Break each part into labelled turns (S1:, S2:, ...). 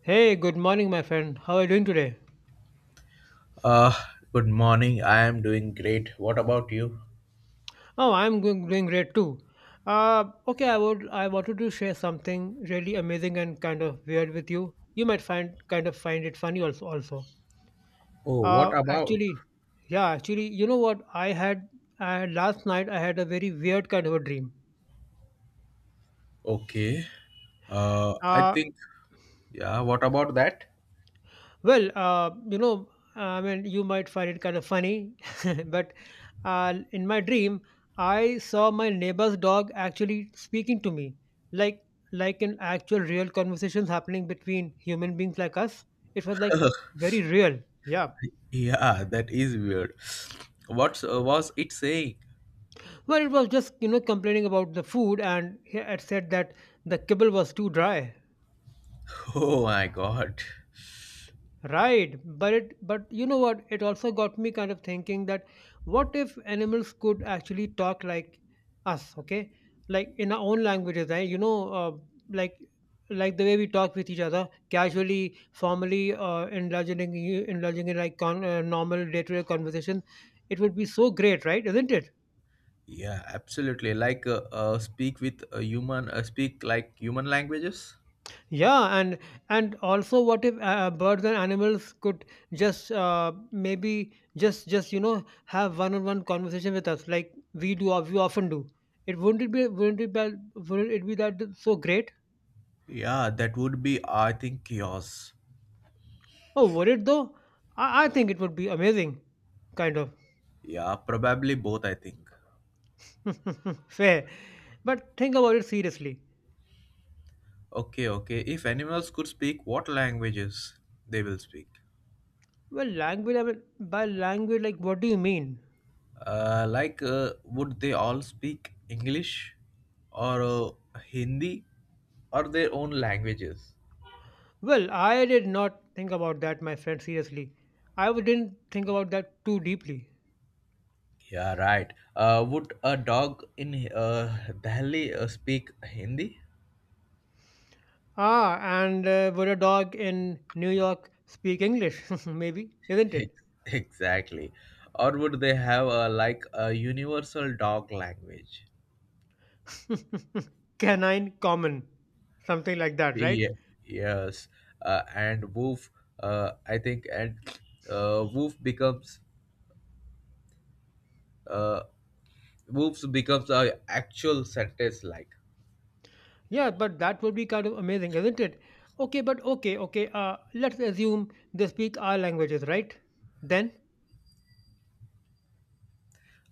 S1: Hey, good morning, my friend. How are you doing today?
S2: Uh, Good morning. I am doing great. What about you?
S1: Oh, I'm doing great too. Okay, I wanted to share something really amazing and kind of weird with you. You might find kind of find it funny also. Also,
S2: Oh,
S1: uh,
S2: what about?
S1: actually, yeah, actually, you know what? I had last night. I had a very weird kind of a dream.
S2: Okay. I
S1: Uh,
S2: think, yeah, what about that?
S1: Well, I mean, you might find it kind of funny, but in my dream, I saw my neighbor's dog actually speaking to me, like an actual real conversations happening between human beings like us. It was like very real. Yeah.
S2: Yeah, that is weird. What was it saying?
S1: Well, it was just complaining about the food, and he had said that the kibble was too dry.
S2: Oh my God.
S1: Right, but you know what? It also got me kind of thinking that what if animals could actually talk like us? Okay, like in our own languages, right? Like like the way we talk with each other casually, formally, indulging in like normal day-to-day conversation. It would be so great, right? Isn't it?
S2: Yeah, absolutely. Like, speak with a human, speak like human languages?
S1: Yeah, and also, what if birds and animals could just maybe just you know have one-on-one conversation with us like we often do? It wouldn't it be wouldn't it be wouldn't it be that so great?
S2: Yeah, that would be, I think, chaos.
S1: Oh, would it though? I think it would be amazing, kind of
S2: Yeah, probably both, I think.
S1: fair. But think about it seriously.
S2: Okay, okay. If animals could speak what languages they will speak?
S1: Well, language. I mean, by language, like what do you mean?
S2: Like, would they all speak English or Hindi or their own languages?
S1: Well, I did not think about that, my friend. Seriously, didn't think about that too deeply.
S2: Yeah, right. Would a dog in Delhi speak Hindi?
S1: Ah, and Would a dog in New York speak English? Maybe, isn't it?
S2: Exactly. Or would they have a like a universal dog language?
S1: Canine common, something like that, right?
S2: Yeah, yes. And woof, I think, and woof becomes uh, woofs becomes a actual sentence like.
S1: Yeah, but that would be kind of amazing, isn't it? Okay, but okay. Let's assume they speak our languages, right? Then,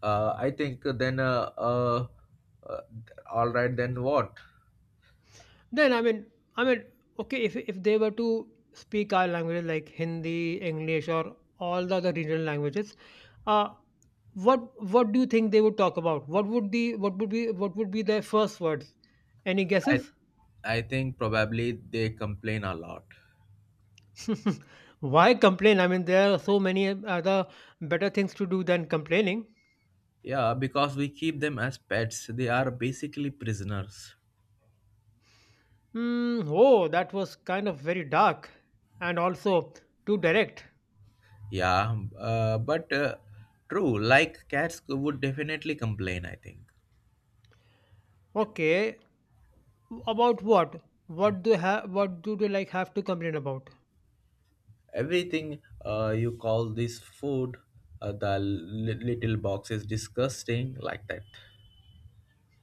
S2: I think then, uh, all right, then what?
S1: then, I mean, okay, if they were to speak our languages like Hindi, English, or all the other regional languages, uh, what what do you think they would talk about. What would be what would be what would be their first words. Any
S2: I,
S1: guesses?
S2: I think probably they complain a lot.
S1: Why complain? I mean, there are so many other better things to do than complaining.
S2: Yeah, because we keep them as pets. They are basically prisoners.
S1: Hmm. Oh, that was kind of very dark and also too direct.
S2: Yeah, but true, like cats would definitely complain, I think.
S1: Okay, about what? What do have what do they like have to complain about?
S2: Everything you call this food, the little box is disgusting, like that.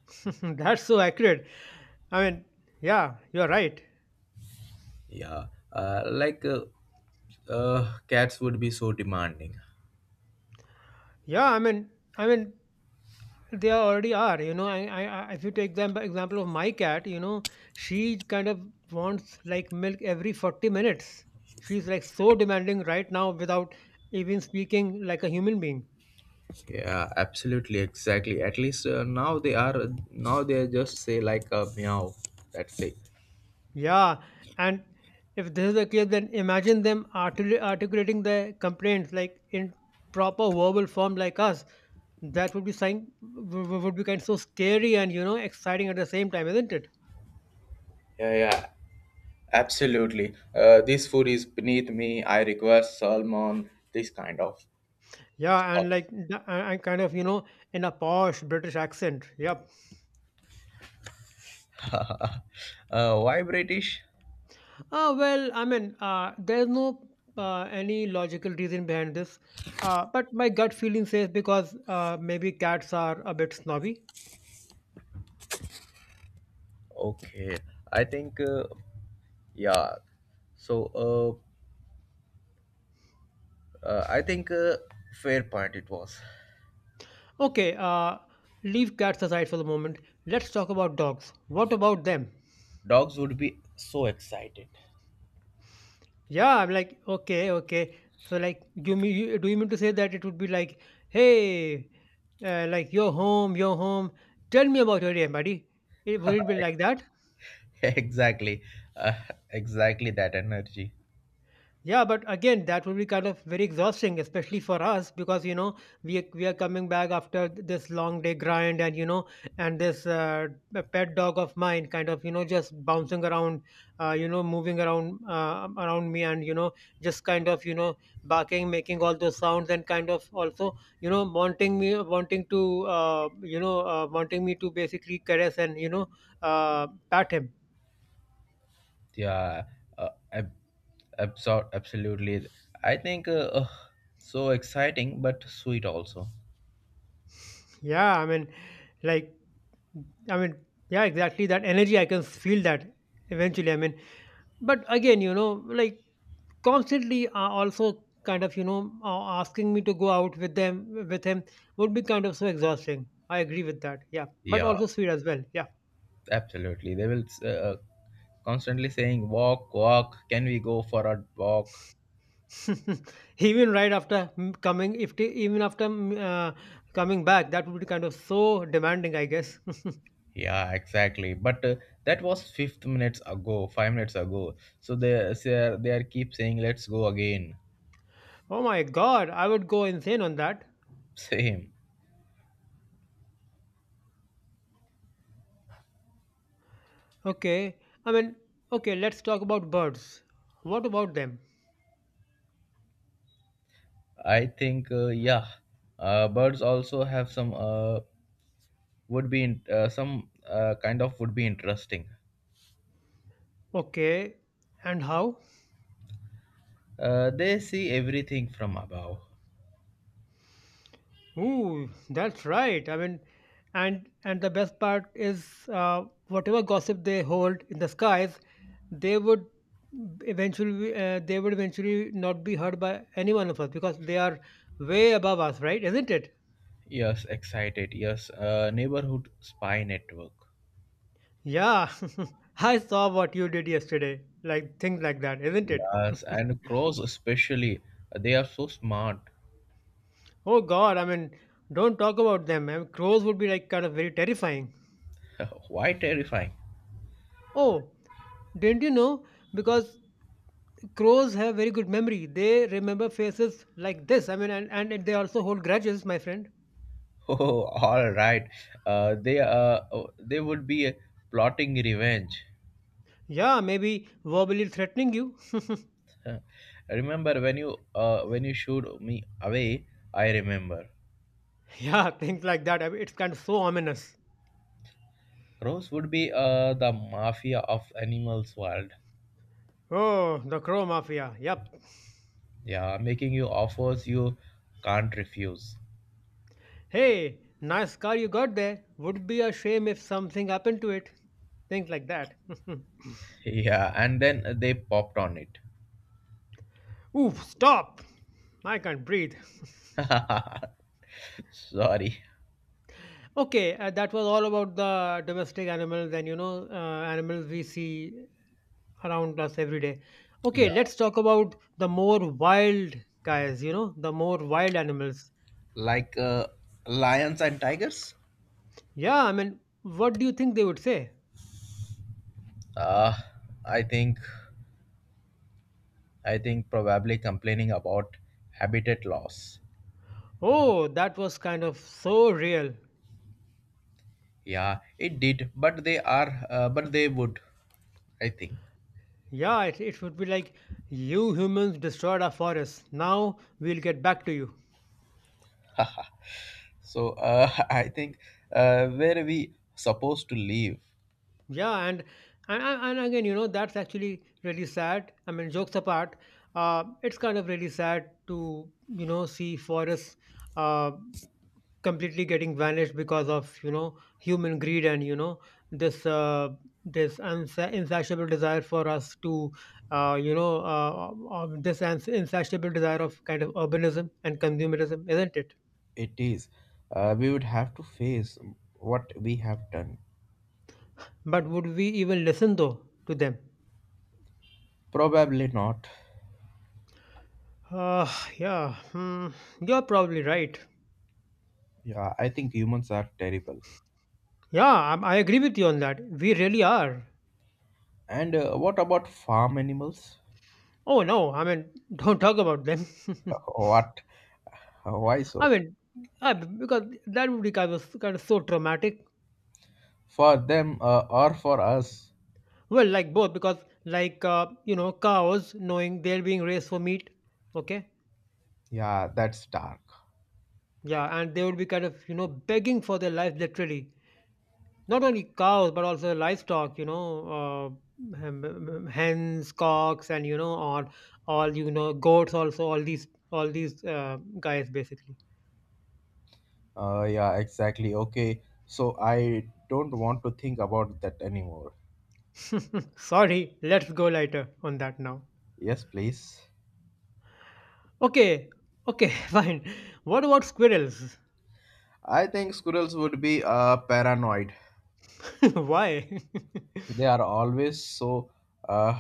S1: That's so accurate. I mean, yeah, you're right.
S2: Yeah, like cats would be so demanding.
S1: Yeah, I mean, they already are, you know. I if you take the example of my cat, you know, she kind of wants like milk every 40 minutes. She's like so demanding right now without even speaking like a human being.
S2: Yeah, absolutely, exactly. At least now they are now they just say like a meow. That's it.
S1: Yeah, and if this is the case, then imagine them articulating their complaints like in proper verbal form, like us. That would be sign w- w- would be kind of so scary and you know exciting at the same time, isn't it?
S2: Yeah, yeah, absolutely. This food is beneath me. I request salmon, this kind of
S1: Yeah,
S2: stuff.
S1: and like the- and kind of in a posh British accent. Yep.
S2: Why British?
S1: Well, I mean, there's no any logical reason behind this, but my gut feeling says because maybe cats are a bit snobby.
S2: Okay, I think yeah. So I think fair point it was.
S1: Okay, leave cats aside for the moment. Let's talk about dogs. What about them?
S2: Dogs would be so excited.
S1: Yeah, I'm like, okay. So like, do you mean to say that it would be like, hey, like you're home. Tell me about your day, buddy. It would it be like that?
S2: exactly, uh, exactly, that energy.
S1: Yeah, but again, that will be kind of very exhausting, especially for us, because you know we are coming back after this long day grind, and you know, and this pet dog of mine, kind of just bouncing around, moving around around me, and just barking, making all those sounds, and kind of also wanting me, wanting to you know wanting me to basically caress and pat him.
S2: Yeah, uh, ab- absolutely. I think ugh, so exciting, but sweet also.
S1: Yeah, I mean, like. I mean, yeah, exactly. That energy, I can feel that eventually. I mean, but again, constantly also kind of, asking me to go out with with him would be kind of so exhausting. I agree with that. Yeah. But
S2: Yeah,
S1: also sweet as well. Yeah.
S2: absolutely. They will constantly saying, "Walk, walk. Can we go for a walk?"
S1: Even right after mm, coming, if t- even after mm, coming back, that would be kind of so demanding, I guess.
S2: Yeah, exactly. But that was 5 minutes ago. So they are keep saying, "Let's go again."
S1: Oh my God. I would go insane on that.
S2: Same.
S1: Okay, I mean, okay, let's talk about birds. What about them?
S2: I think yeah, birds also have some would be in, some kind of would be interesting.
S1: Okay, and how?
S2: They see everything from above.
S1: Ooh, that's right. I mean, and the best part is whatever gossip they hold in the skies, they would they would eventually not be heard by any one of us because they are way above us, right? Isn't it?
S2: Yes, excited. Yes, neighborhood spy network.
S1: Yeah, I saw what you did yesterday, like things like that, isn't it?
S2: Yes, and crows especially. They are so smart.
S1: Oh God, I mean, don't talk about them. I mean, crows would be like kind of very terrifying.
S2: Why terrifying?
S1: Oh, didn't you know? Because crows have very good memory. They remember faces like this. I mean, and they also hold grudges, my friend.
S2: Oh, all right. They oh, they would be plotting revenge.
S1: Yeah, maybe verbally threatening you.
S2: Remember when you shooed me away? I remember.
S1: Yeah, things like that. I mean, it's kind of so ominous.
S2: Crows would be the mafia of animals world.
S1: Oh, the crow mafia. Yep.
S2: Yeah, making you offers you can't refuse.
S1: Hey, nice car you got there. Would be a shame if something happened to it. Things like that.
S2: Yeah, and then they popped on it.
S1: Oof, stop! I can't breathe.
S2: Sorry.
S1: Okay, that was all about the domestic animals and animals we see around us every day. Okay,
S2: Yeah,
S1: let's talk about the more wild guys, the more wild animals.
S2: like lions and tigers.
S1: Yeah, I mean, what do you think they would say?
S2: Uh, I think I think probably complaining about habitat loss.
S1: Oh, that was kind of so real.
S2: Yeah, it did, but they are but they would. I think
S1: Yeah, it would be like, you humans destroyed our forests. Now we'll get back to you.
S2: so. I think where we supposed to live,
S1: Yeah, and again, you know, that's actually really sad. I mean, jokes apart, it's kind of really sad to see forests uh, completely getting vanished because of human greed and this uh, this insatiable desire for us to you know this ans- insatiable desire of kind of urbanism and consumerism, isn't it?
S2: it is. We would have to face what we have done.
S1: But would we even listen though to them?
S2: Probably not.
S1: Uh, yeah, you're probably right.
S2: Yeah, I think humans are terrible.
S1: Yeah, I agree with you on that. We really are.
S2: And what about farm animals?
S1: Oh no, I mean, don't talk about them.
S2: What? Why
S1: I
S2: so?
S1: mean, because that would be kind of so traumatic.
S2: For them or for us?
S1: Well, like both, because like cows knowing they're being raised for meat. Okay,
S2: Yeah, that's dark.
S1: yeah, and they would be kind of begging for their life literally. Not only cows, but also livestock. Hens, cocks, and all goats. Also, all these guys basically.
S2: Yeah, exactly. Okay, so I don't want to think about that anymore.
S1: Sorry, let's go lighter on that now.
S2: Yes, please.
S1: Okay, okay, fine. What about squirrels?
S2: I think squirrels would be paranoid.
S1: Why?
S2: They are always so uh,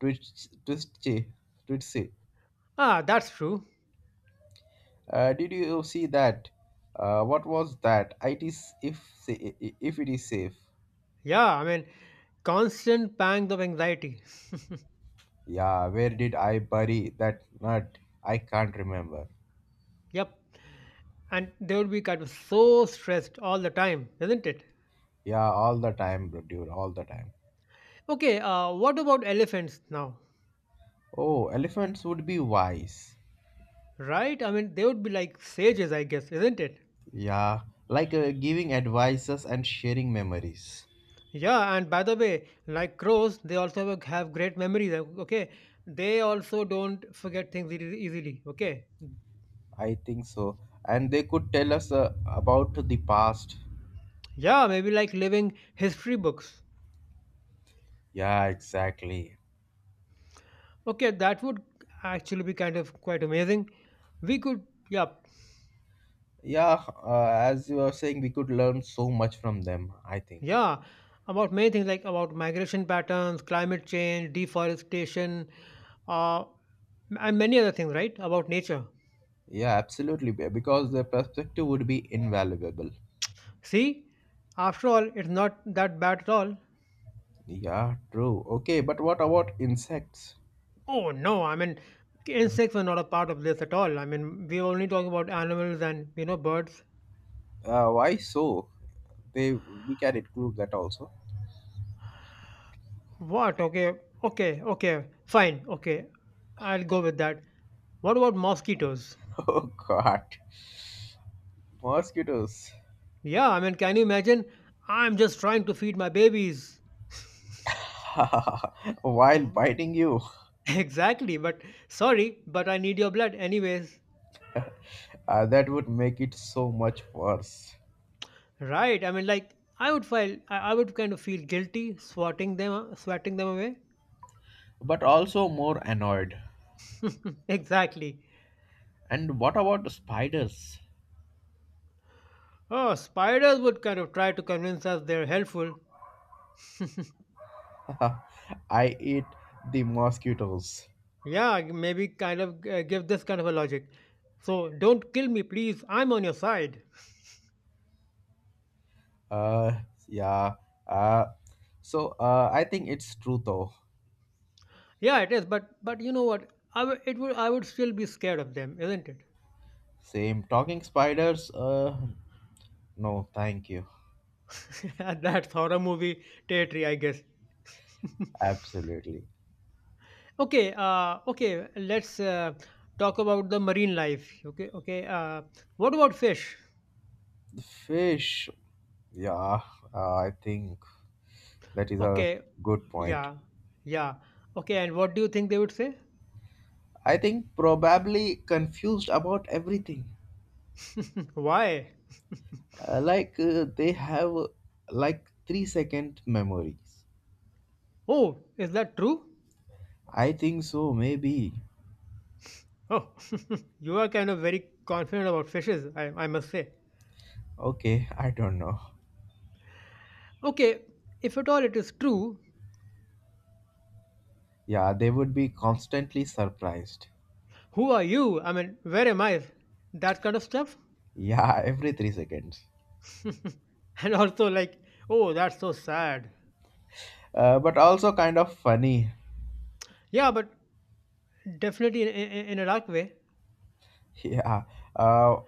S2: twitch, twitchy, twitchy.
S1: Ah, that's true.
S2: Did you see that? What was that? It is if sa- If it is safe.
S1: Yeah, I mean, constant pangs of anxiety.
S2: Yeah, where did I bury that nut? I can't remember.
S1: Yep, and they would be kind of so stressed all the time, isn't it?
S2: Yeah, all the time, bro, dude, all the time.
S1: Okay, what about elephants now?
S2: Oh, elephants would be wise.
S1: Right? I mean, they would be like sages, I guess, isn't it?
S2: Yeah, like giving advices and sharing memories.
S1: Yeah, and by the way, like crows, they also have great memories. Okay, they also don't forget things easily. Okay,
S2: I think so. And they could tell us about the past.
S1: yeah, maybe like living history books.
S2: Yeah, exactly.
S1: Okay, that would actually be kind of quite amazing. We could, yeah,
S2: Yeah, as you were saying, we could learn so much from them, I think.
S1: yeah, about many things like about migration patterns, climate change, deforestation, uh, and many other things, right? About nature.
S2: Yeah, absolutely. Because the perspective would be invaluable.
S1: See, after all, it's not that bad at all.
S2: Yeah, true. Okay, but what about insects?
S1: Oh no, I mean insects were not a part of this at all. I mean we were only talking about animals and birds.
S2: Why so? They we can include that also.
S1: What? Okay, okay, fine, okay. I'll go with that. What about mosquitoes?
S2: Oh God, mosquitoes!
S1: Yeah, I mean can you imagine? I'm just trying to feed my babies.
S2: While
S1: W-
S2: biting you,
S1: Exactly, but sorry, but I need your blood anyways.
S2: that would make it so much worse.
S1: Right. I mean like I would kind of feel guilty swatting them away.
S2: But also more annoyed.
S1: Exactly.
S2: And what about the spiders?
S1: Oh, spiders would kind of try to convince us they're helpful.
S2: I eat the mosquitoes.
S1: Yeah, maybe kind of give this kind of a logic. So don't kill me, please. I'm on your side.
S2: Uh, yeah. Uh, I think it's true though.
S1: Yeah, it is, but you know what? I would still be scared of them, isn't it?
S2: Same talking spiders. No, thank you.
S1: That's horror movie territory, I guess.
S2: Absolutely.
S1: Okay. Let's talk about the marine life. Okay, okay. What about fish?
S2: The fish. Yeah, I think that is a
S1: Okay,
S2: good point.
S1: yeah, yeah. Okay, and what do you think they would say?
S2: I think probably confused about everything.
S1: Why?
S2: Like they have like 3-second memories.
S1: Oh, is that true?
S2: I think so. Maybe.
S1: Oh, you are kind of very confident about fishes, I must say.
S2: Okay, I don't know.
S1: Okay, if at all it is true,
S2: Yeah, they would be constantly surprised.
S1: who are you? I mean, where am I? That kind of stuff.
S2: Yeah, every 3 seconds.
S1: And also, like, oh, that's so sad.
S2: But also kind of funny.
S1: Yeah, but definitely in a dark way.
S2: Yeah, uh,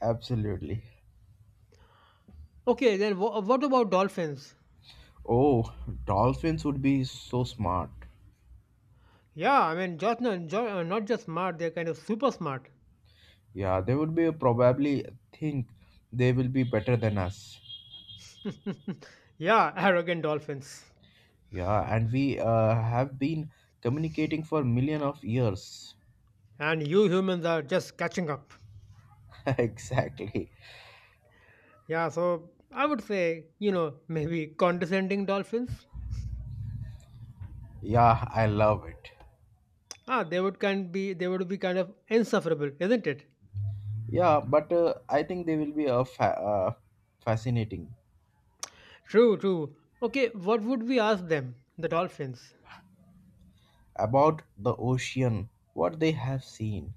S2: absolutely.
S1: Okay, then what about dolphins?
S2: Oh, dolphins would be so smart.
S1: Yeah, I mean, just, not just smart, they're kind of super smart.
S2: Yeah, they would be probably think they will be better than us.
S1: Yeah, arrogant dolphins.
S2: Yeah, and we have been communicating for million of years.
S1: And you humans are just catching up.
S2: Exactly.
S1: Yeah, so I would say, you know, maybe condescending dolphins.
S2: Yeah, I love it.
S1: Ah, they would be kind of insufferable, isn't it?
S2: Yeah, but I think they will be a fascinating
S1: True, true. Okay, what would we ask them, the dolphins?
S2: about the ocean, what they have seen.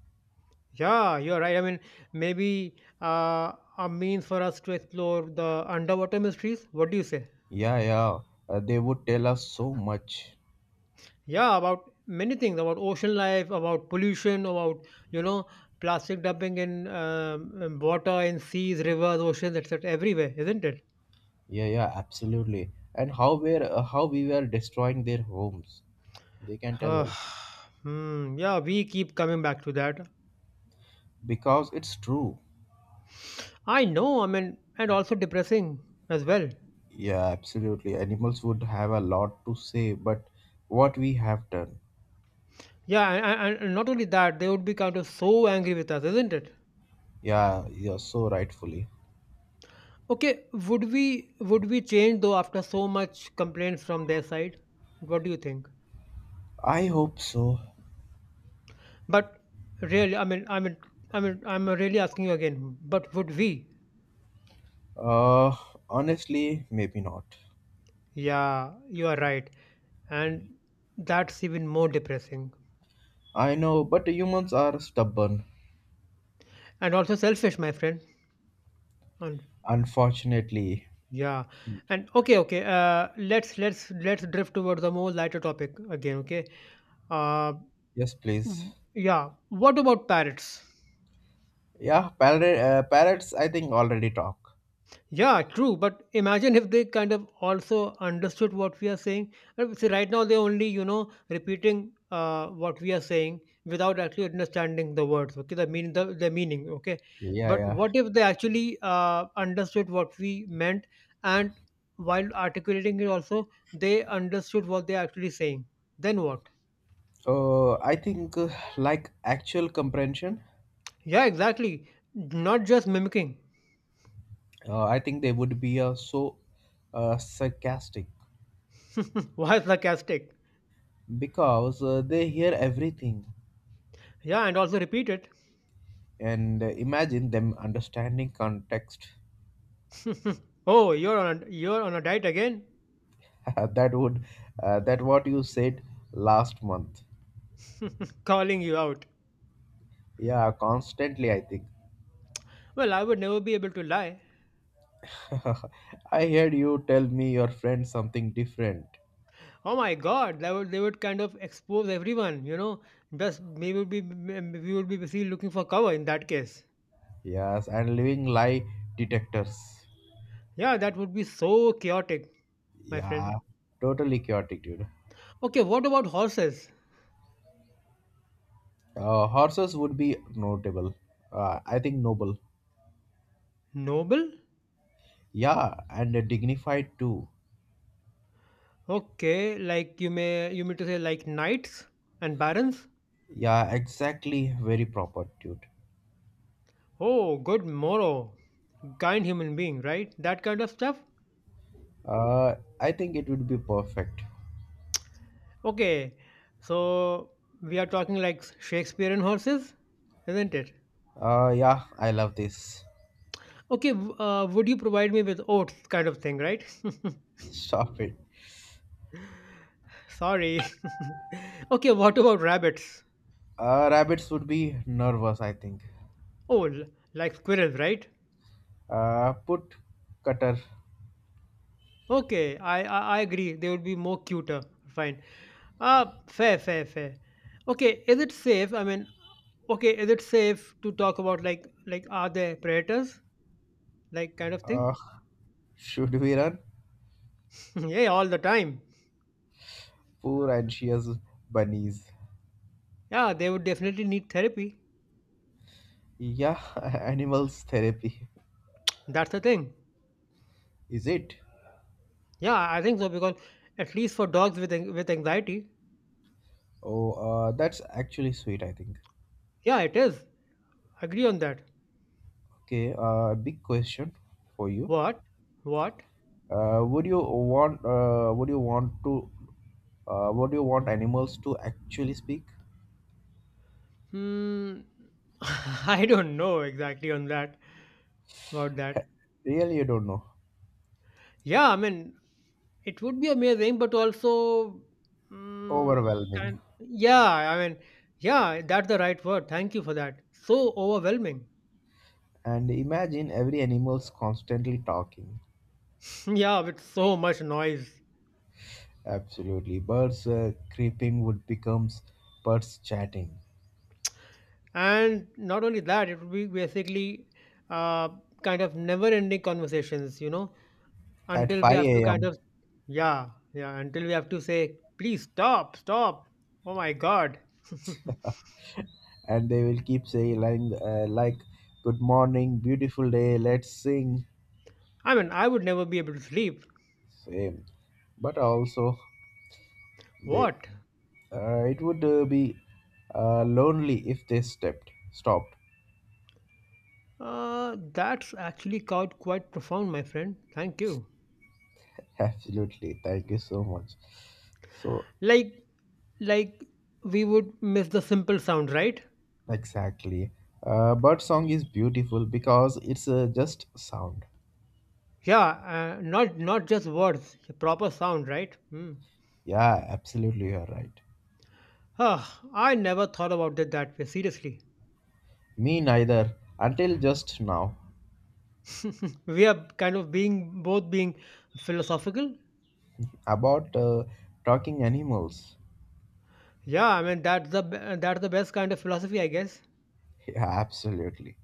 S1: Yeah, you're right. I mean, maybe a means for us to explore the underwater mysteries. What do you say?
S2: Yeah, yeah. They would tell us so much.
S1: Yeah, about many things, about ocean life, about pollution, about you know, plastic dumping in water, in seas, rivers, oceans, etc. Everywhere, isn't it?
S2: Yeah, yeah, absolutely. And how we're how we were destroying their homes. They can tell
S1: Uh,
S2: us
S1: hmm, yeah, we keep coming back to that.
S2: because it's true.
S1: I know, I mean, and also depressing as well.
S2: Yeah, absolutely. Animals would have a lot to say, but what we have done.
S1: Yeah, and not only that, they would be kind of so angry with us, isn't it?
S2: Yeah, you're so rightfully.
S1: Okay, would we change though after so much complaints from their side? What do you think?
S2: I hope so.
S1: But really, I mean, I'm really asking you again. But would we?
S2: Uh, Honestly, maybe not.
S1: Yeah, you are right, and that's even more depressing
S2: I know, but humans are stubborn.
S1: and also selfish, my friend.
S2: Unfortunately.
S1: Yeah, and okay. Let's drift towards a more lighter topic again. Okay. Uh,
S2: Yes, please.
S1: yeah. What about parrots?
S2: Yeah, parrots, I think already talk.
S1: Yeah, true. But imagine if they kind of also understood what we are saying. See, right now they're only, you know, repeating what we are saying without actually understanding the words. Okay, the meaning. Okay,
S2: Yeah,
S1: but
S2: yeah.
S1: what if they actually understood what we meant and while articulating it also they understood what they're actually saying? Then what?
S2: I think like actual comprehension,
S1: Yeah, exactly. Not just mimicking.
S2: I think they would be so sarcastic
S1: Why sarcastic?
S2: because they hear everything
S1: Yeah, and also repeat it.
S2: and imagine them understanding context.
S1: Oh, you're on a diet again.
S2: that would that what you said last month.
S1: Calling you out.
S2: Yeah, constantly I think.
S1: Well, I would never be able to lie.
S2: I heard you tell me your friend something different.
S1: Oh my God, that would they would kind of expose everyone, you know. Thus, we would be busy looking for cover in that case.
S2: Yes, and living lie detectors.
S1: Yeah, that would be so chaotic, my
S2: Yeah,
S1: friend.
S2: totally chaotic, dude.
S1: Okay, what about horses?
S2: Horses would be notable. I think noble.
S1: Noble?
S2: Yeah, and dignified too.
S1: Okay, like you mean to say like knights and barons?
S2: Yeah, exactly. Very proper, dude.
S1: Oh, good morrow, kind human being, right? That kind of stuff.
S2: Uh, I think it would be perfect.
S1: Okay, so we are talking like Shakespearean horses, isn't it?
S2: Yeah, I love this.
S1: Okay, would you provide me with oats kind of thing, right?
S2: Stop it.
S1: Sorry. Okay, what about rabbits?
S2: Rabbits would be nervous, I think.
S1: Oh, l- like squirrels, right?
S2: Put cutter.
S1: Okay, I agree. They would be more cuter. Fine. Fair. Okay, is it safe? I mean, okay, is it safe to talk about like are there predators? Like kind of thing?
S2: Uh, should we run?
S1: Yeah, all the time.
S2: Poor anxious bunnies.
S1: Yeah, they would definitely need therapy.
S2: Yeah, animals therapy.
S1: That's the thing.
S2: Is it?
S1: Yeah, I think so because at least for dogs with anxiety.
S2: Oh, that's actually sweet, I think.
S1: Yeah, it is. Agree on that.
S2: Okay, a big question for you.
S1: What? What?
S2: Would you want to Would you want animals to actually speak?
S1: Hmm. I don't know exactly on that about that.
S2: Really, you don't know.
S1: Yeah, I mean, it would be amazing, but also, mm,
S2: Overwhelming.
S1: kind. Yeah, I mean, yeah, that's the right word. Thank you for that. So overwhelming.
S2: And imagine every animal's constantly talking.
S1: Yeah, with so much noise.
S2: Absolutely. Birds creeping would becomes Birds chatting
S1: And not only that, it would be basically uh, kind of never ending conversations, you know,
S2: at
S1: until we have to
S2: 5
S1: kind
S2: a.m.
S1: of yeah, yeah, until we have to say please stop stop, oh my god.
S2: And they will keep saying like, like good morning, beautiful day, let's sing.
S1: I mean I would never be able to sleep.
S2: Same. But also they
S1: What?
S2: It would be lonely if they stepped stopped.
S1: That's actually quite profound, my friend. Thank you.
S2: Absolutely, thank you so much. So
S1: Like like we would miss the simple sound, right?
S2: exactly. Bird song is beautiful because it's just sound.
S1: Yeah, not just words, proper sound, right? Hmm.
S2: Yeah, absolutely, you're right.
S1: Huh, I never thought about it that way, seriously.
S2: Me neither until just now.
S1: We are kind of being both being philosophical.
S2: About talking animals.
S1: Yeah, I mean that's the best kind of philosophy, I guess.
S2: Yeah, absolutely.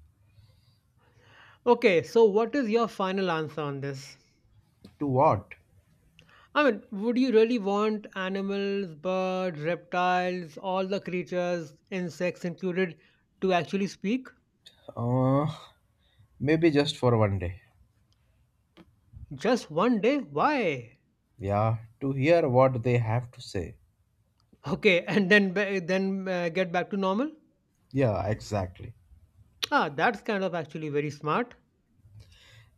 S1: Okay, so what is your final answer on this?
S2: To what?
S1: I mean, would you really want animals, birds, reptiles, all the creatures, insects included, to actually speak?
S2: uh, Maybe just for one day.
S1: Just 1 day? Why?
S2: Yeah, to hear what they have to say.
S1: Okay, and then get back to normal?
S2: Yeah, exactly.
S1: Ah, that's kind of actually very smart.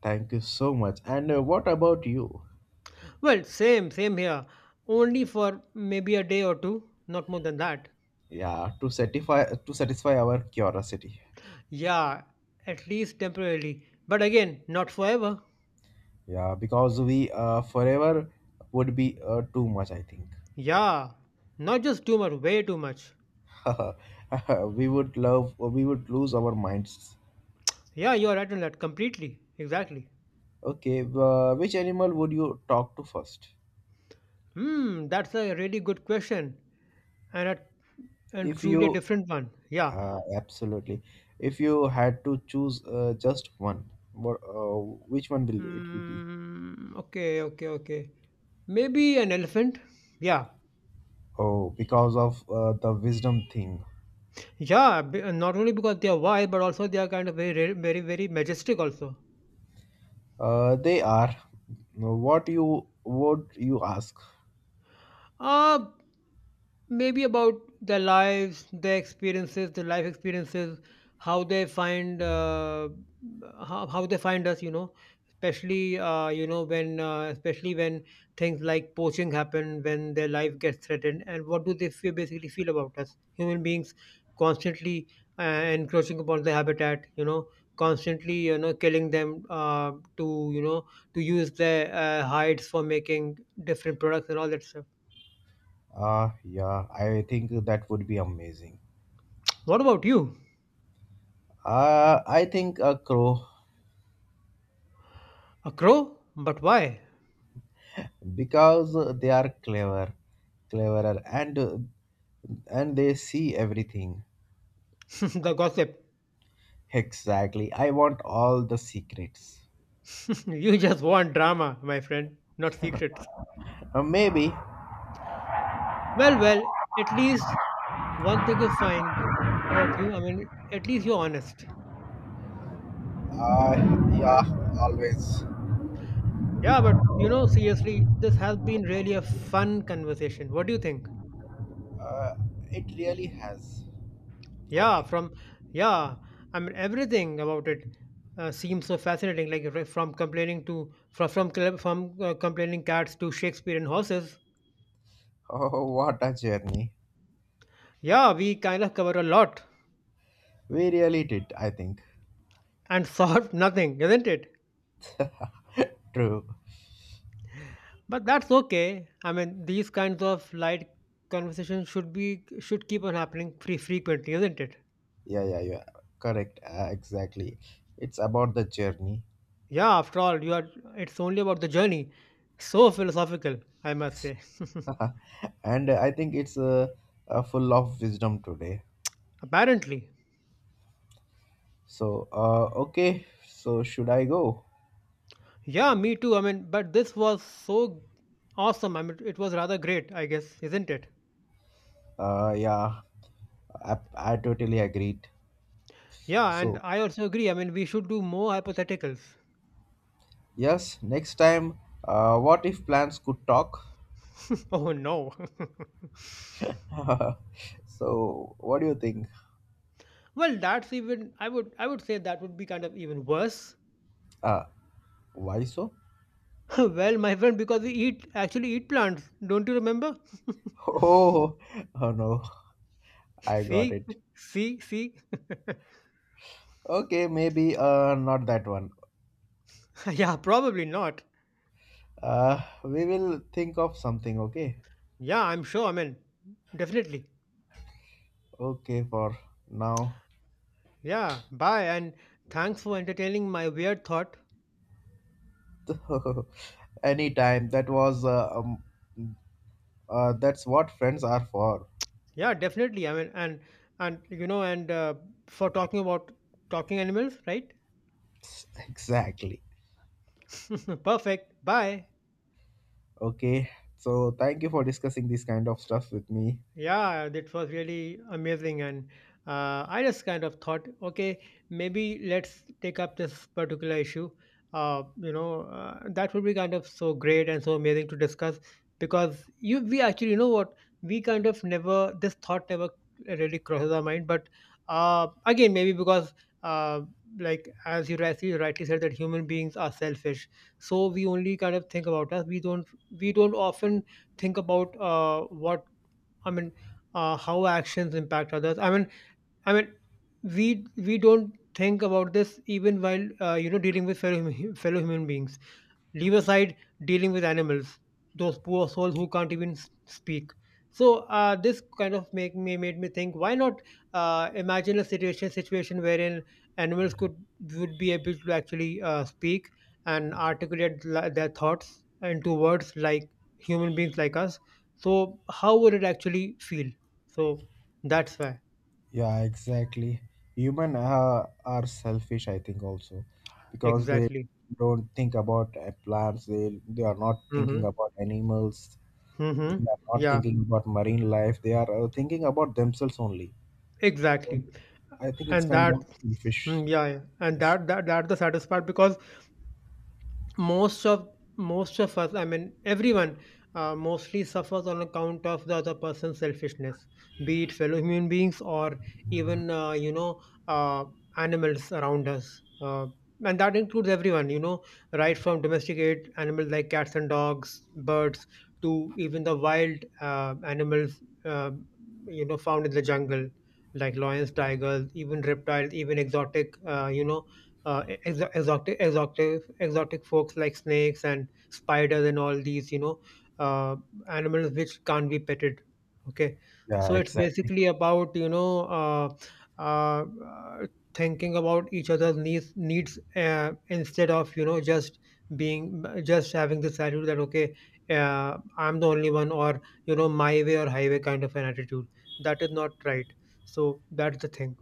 S2: Thank you so much. And what about you?
S1: Well, same, same here. Only for maybe a day or two, not more than that.
S2: Yeah, to satisfy our curiosity.
S1: Yeah, at least temporarily. But again, not forever.
S2: Yeah, because we forever would be too much. I think.
S1: Yeah, not just too much, way too much.
S2: We would lose our minds.
S1: Yeah, you're right on that completely. Exactly.
S2: Okay, which animal would you talk to first?
S1: Hmm, that's a really good question and a and
S2: If
S1: truly a
S2: you
S1: different one. Yeah.
S2: absolutely, if you had to choose just one, what, which one will it be?
S1: Hmm, okay. Maybe an elephant. Yeah.
S2: Oh, because of the wisdom thing.
S1: Yeah, not only because they are wild, but also they are kind of very majestic also.
S2: They are. What you would you ask?
S1: Uh, Maybe about their lives, their experiences, their life experiences, how they find how they find us, you know, especially when things like poaching happen, when their life gets threatened, and what do they feel, basically feel about us human beings constantly uh, encroaching upon their habitat, you know, constantly, you know, killing them to, you know, to use their hides for making different products and all that stuff.
S2: Ah, yeah, I think that would be amazing.
S1: What about you?
S2: I think a crow
S1: A crow? But why?
S2: because they are cleverer, and they see everything.
S1: The gossip.
S2: Exactly. I want all the secrets.
S1: You just want drama, my friend, not secrets.
S2: Maybe.
S1: Well, well, at least one thing is fine about you. I mean, at least you're honest.
S2: Uh, yeah, always.
S1: Yeah, but you know, seriously, this has been really a fun conversation. What do you think?
S2: Uh, it really has. I
S1: Yeah,
S2: think.
S1: yeah, I mean, everything about it seems so fascinating, like re- from complaining to, from, cl- from complaining cats to Shakespeare and horses.
S2: Oh, what a journey.
S1: Yeah, we kind of cover a lot
S2: We really did. I think.
S1: and solve nothing, isn't it?
S2: True.
S1: But that's okay. I mean, these kinds of light conversations should keep on happening free frequently, isn't it?
S2: Yeah, yeah, yeah. Correct. Exactly. It's about the journey.
S1: Yeah, after all, you are. It's only about the journey. So philosophical, I must say.
S2: And I think it's full of wisdom today.
S1: Apparently,
S2: So, okay. So, should I go?
S1: yeah, me too. I mean, but this was so awesome. I mean, it was rather great, I guess, isn't it?
S2: Yeah, I totally agreed.
S1: Yeah, and
S2: So,
S1: I also agree. I mean, we should do more hypotheticals.
S2: yes, next time, what if plants could talk?
S1: Oh no.
S2: So, what do you think?
S1: Well, that's even. I would. I would say that would be kind of even worse.
S2: Uh, why so?
S1: Well, my friend, because we eat actually eat plants. Don't you remember?
S2: Oh, oh no, I got
S1: See,
S2: it.
S1: see.
S2: Okay, maybe not that one.
S1: Yeah, probably not.
S2: We will think of something, okay?
S1: Yeah, I'm sure. I mean, definitely.
S2: Okay, for now.
S1: Yeah. Bye, and thanks for entertaining my weird thought.
S2: Anytime. That was that's what friends are for.
S1: Yeah, definitely. I mean, and and you know, and uh, for talking about talking animals, right?
S2: Exactly.
S1: Perfect. Bye.
S2: Okay. So thank you for discussing this kind of stuff with me.
S1: Yeah, that was really amazing. And I just kind of thought, okay, maybe let's take up this particular issue. You know, that would be kind of so great and so amazing to discuss because we actually, you know what, we kind of never, this thought never really crosses our mind. But again, maybe because, uh, like, as you rightly said, that human beings are selfish. So we only kind of think about us. We don't often think about I mean, how actions impact others. I mean, we don't think about this even while you know, dealing with fellow fellow human beings, leave aside dealing with animals, those poor souls who can't even speak. So this kind of make me made me think why not imagine a situation wherein animals could would be able to actually speak and articulate their thoughts into words like human beings like us. So how would it actually feel? So that's why.
S2: Yeah, exactly. Human are selfish, I think, also, because they
S1: Exactly.
S2: don't think about plants. They are not thinking
S1: Mm-hmm.
S2: about animals.
S1: Mm-hmm.
S2: They are not
S1: Yeah,
S2: thinking about marine life. They are thinking about themselves only.
S1: exactly.
S2: I think it's
S1: And
S2: kind of selfish.
S1: yeah, yeah, and
S2: Yes.
S1: that's the saddest part because most of most of us, I mean everyone, mostly suffers on account of the other person's selfishness, be it fellow human beings or even uh, animals around us, and that includes everyone, you know, right from domesticated animals like cats and dogs, birds, to even the wild animals, you know, found in the jungle, like lions, tigers, even reptiles, even exotic, exotic folks like snakes and spiders and all these, you know, uh, animals which can't be petted, okay.
S2: Yeah,
S1: So it's
S2: exactly.
S1: basically about, you know, uh, uh, thinking about each other's needs, instead of, you know, just being just having this attitude that, okay, I'm the only one, or you know, my way or highway kind of an attitude. That is not right. So that's the thing.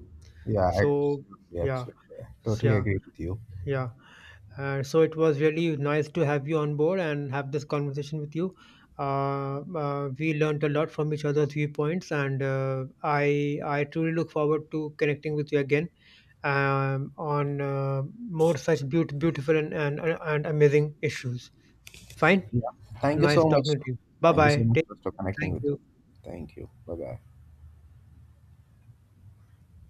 S2: Yeah,
S1: So
S2: absolutely,
S1: yeah,
S2: absolutely. I totally
S1: yeah
S2: agree with you.
S1: yeah So it was really nice to have you on board and have this conversation with you. We learned a lot from each other's viewpoints, and I truly look forward to connecting with you again on more such beautiful and amazing issues. Fine,
S2: Yeah. Thank you
S1: nice
S2: so much.
S1: talking to you. Bye
S2: Thank you so
S1: bye.
S2: much
S1: Take.
S2: for connecting
S1: Thank
S2: with me.
S1: you.
S2: Thank you. Bye bye.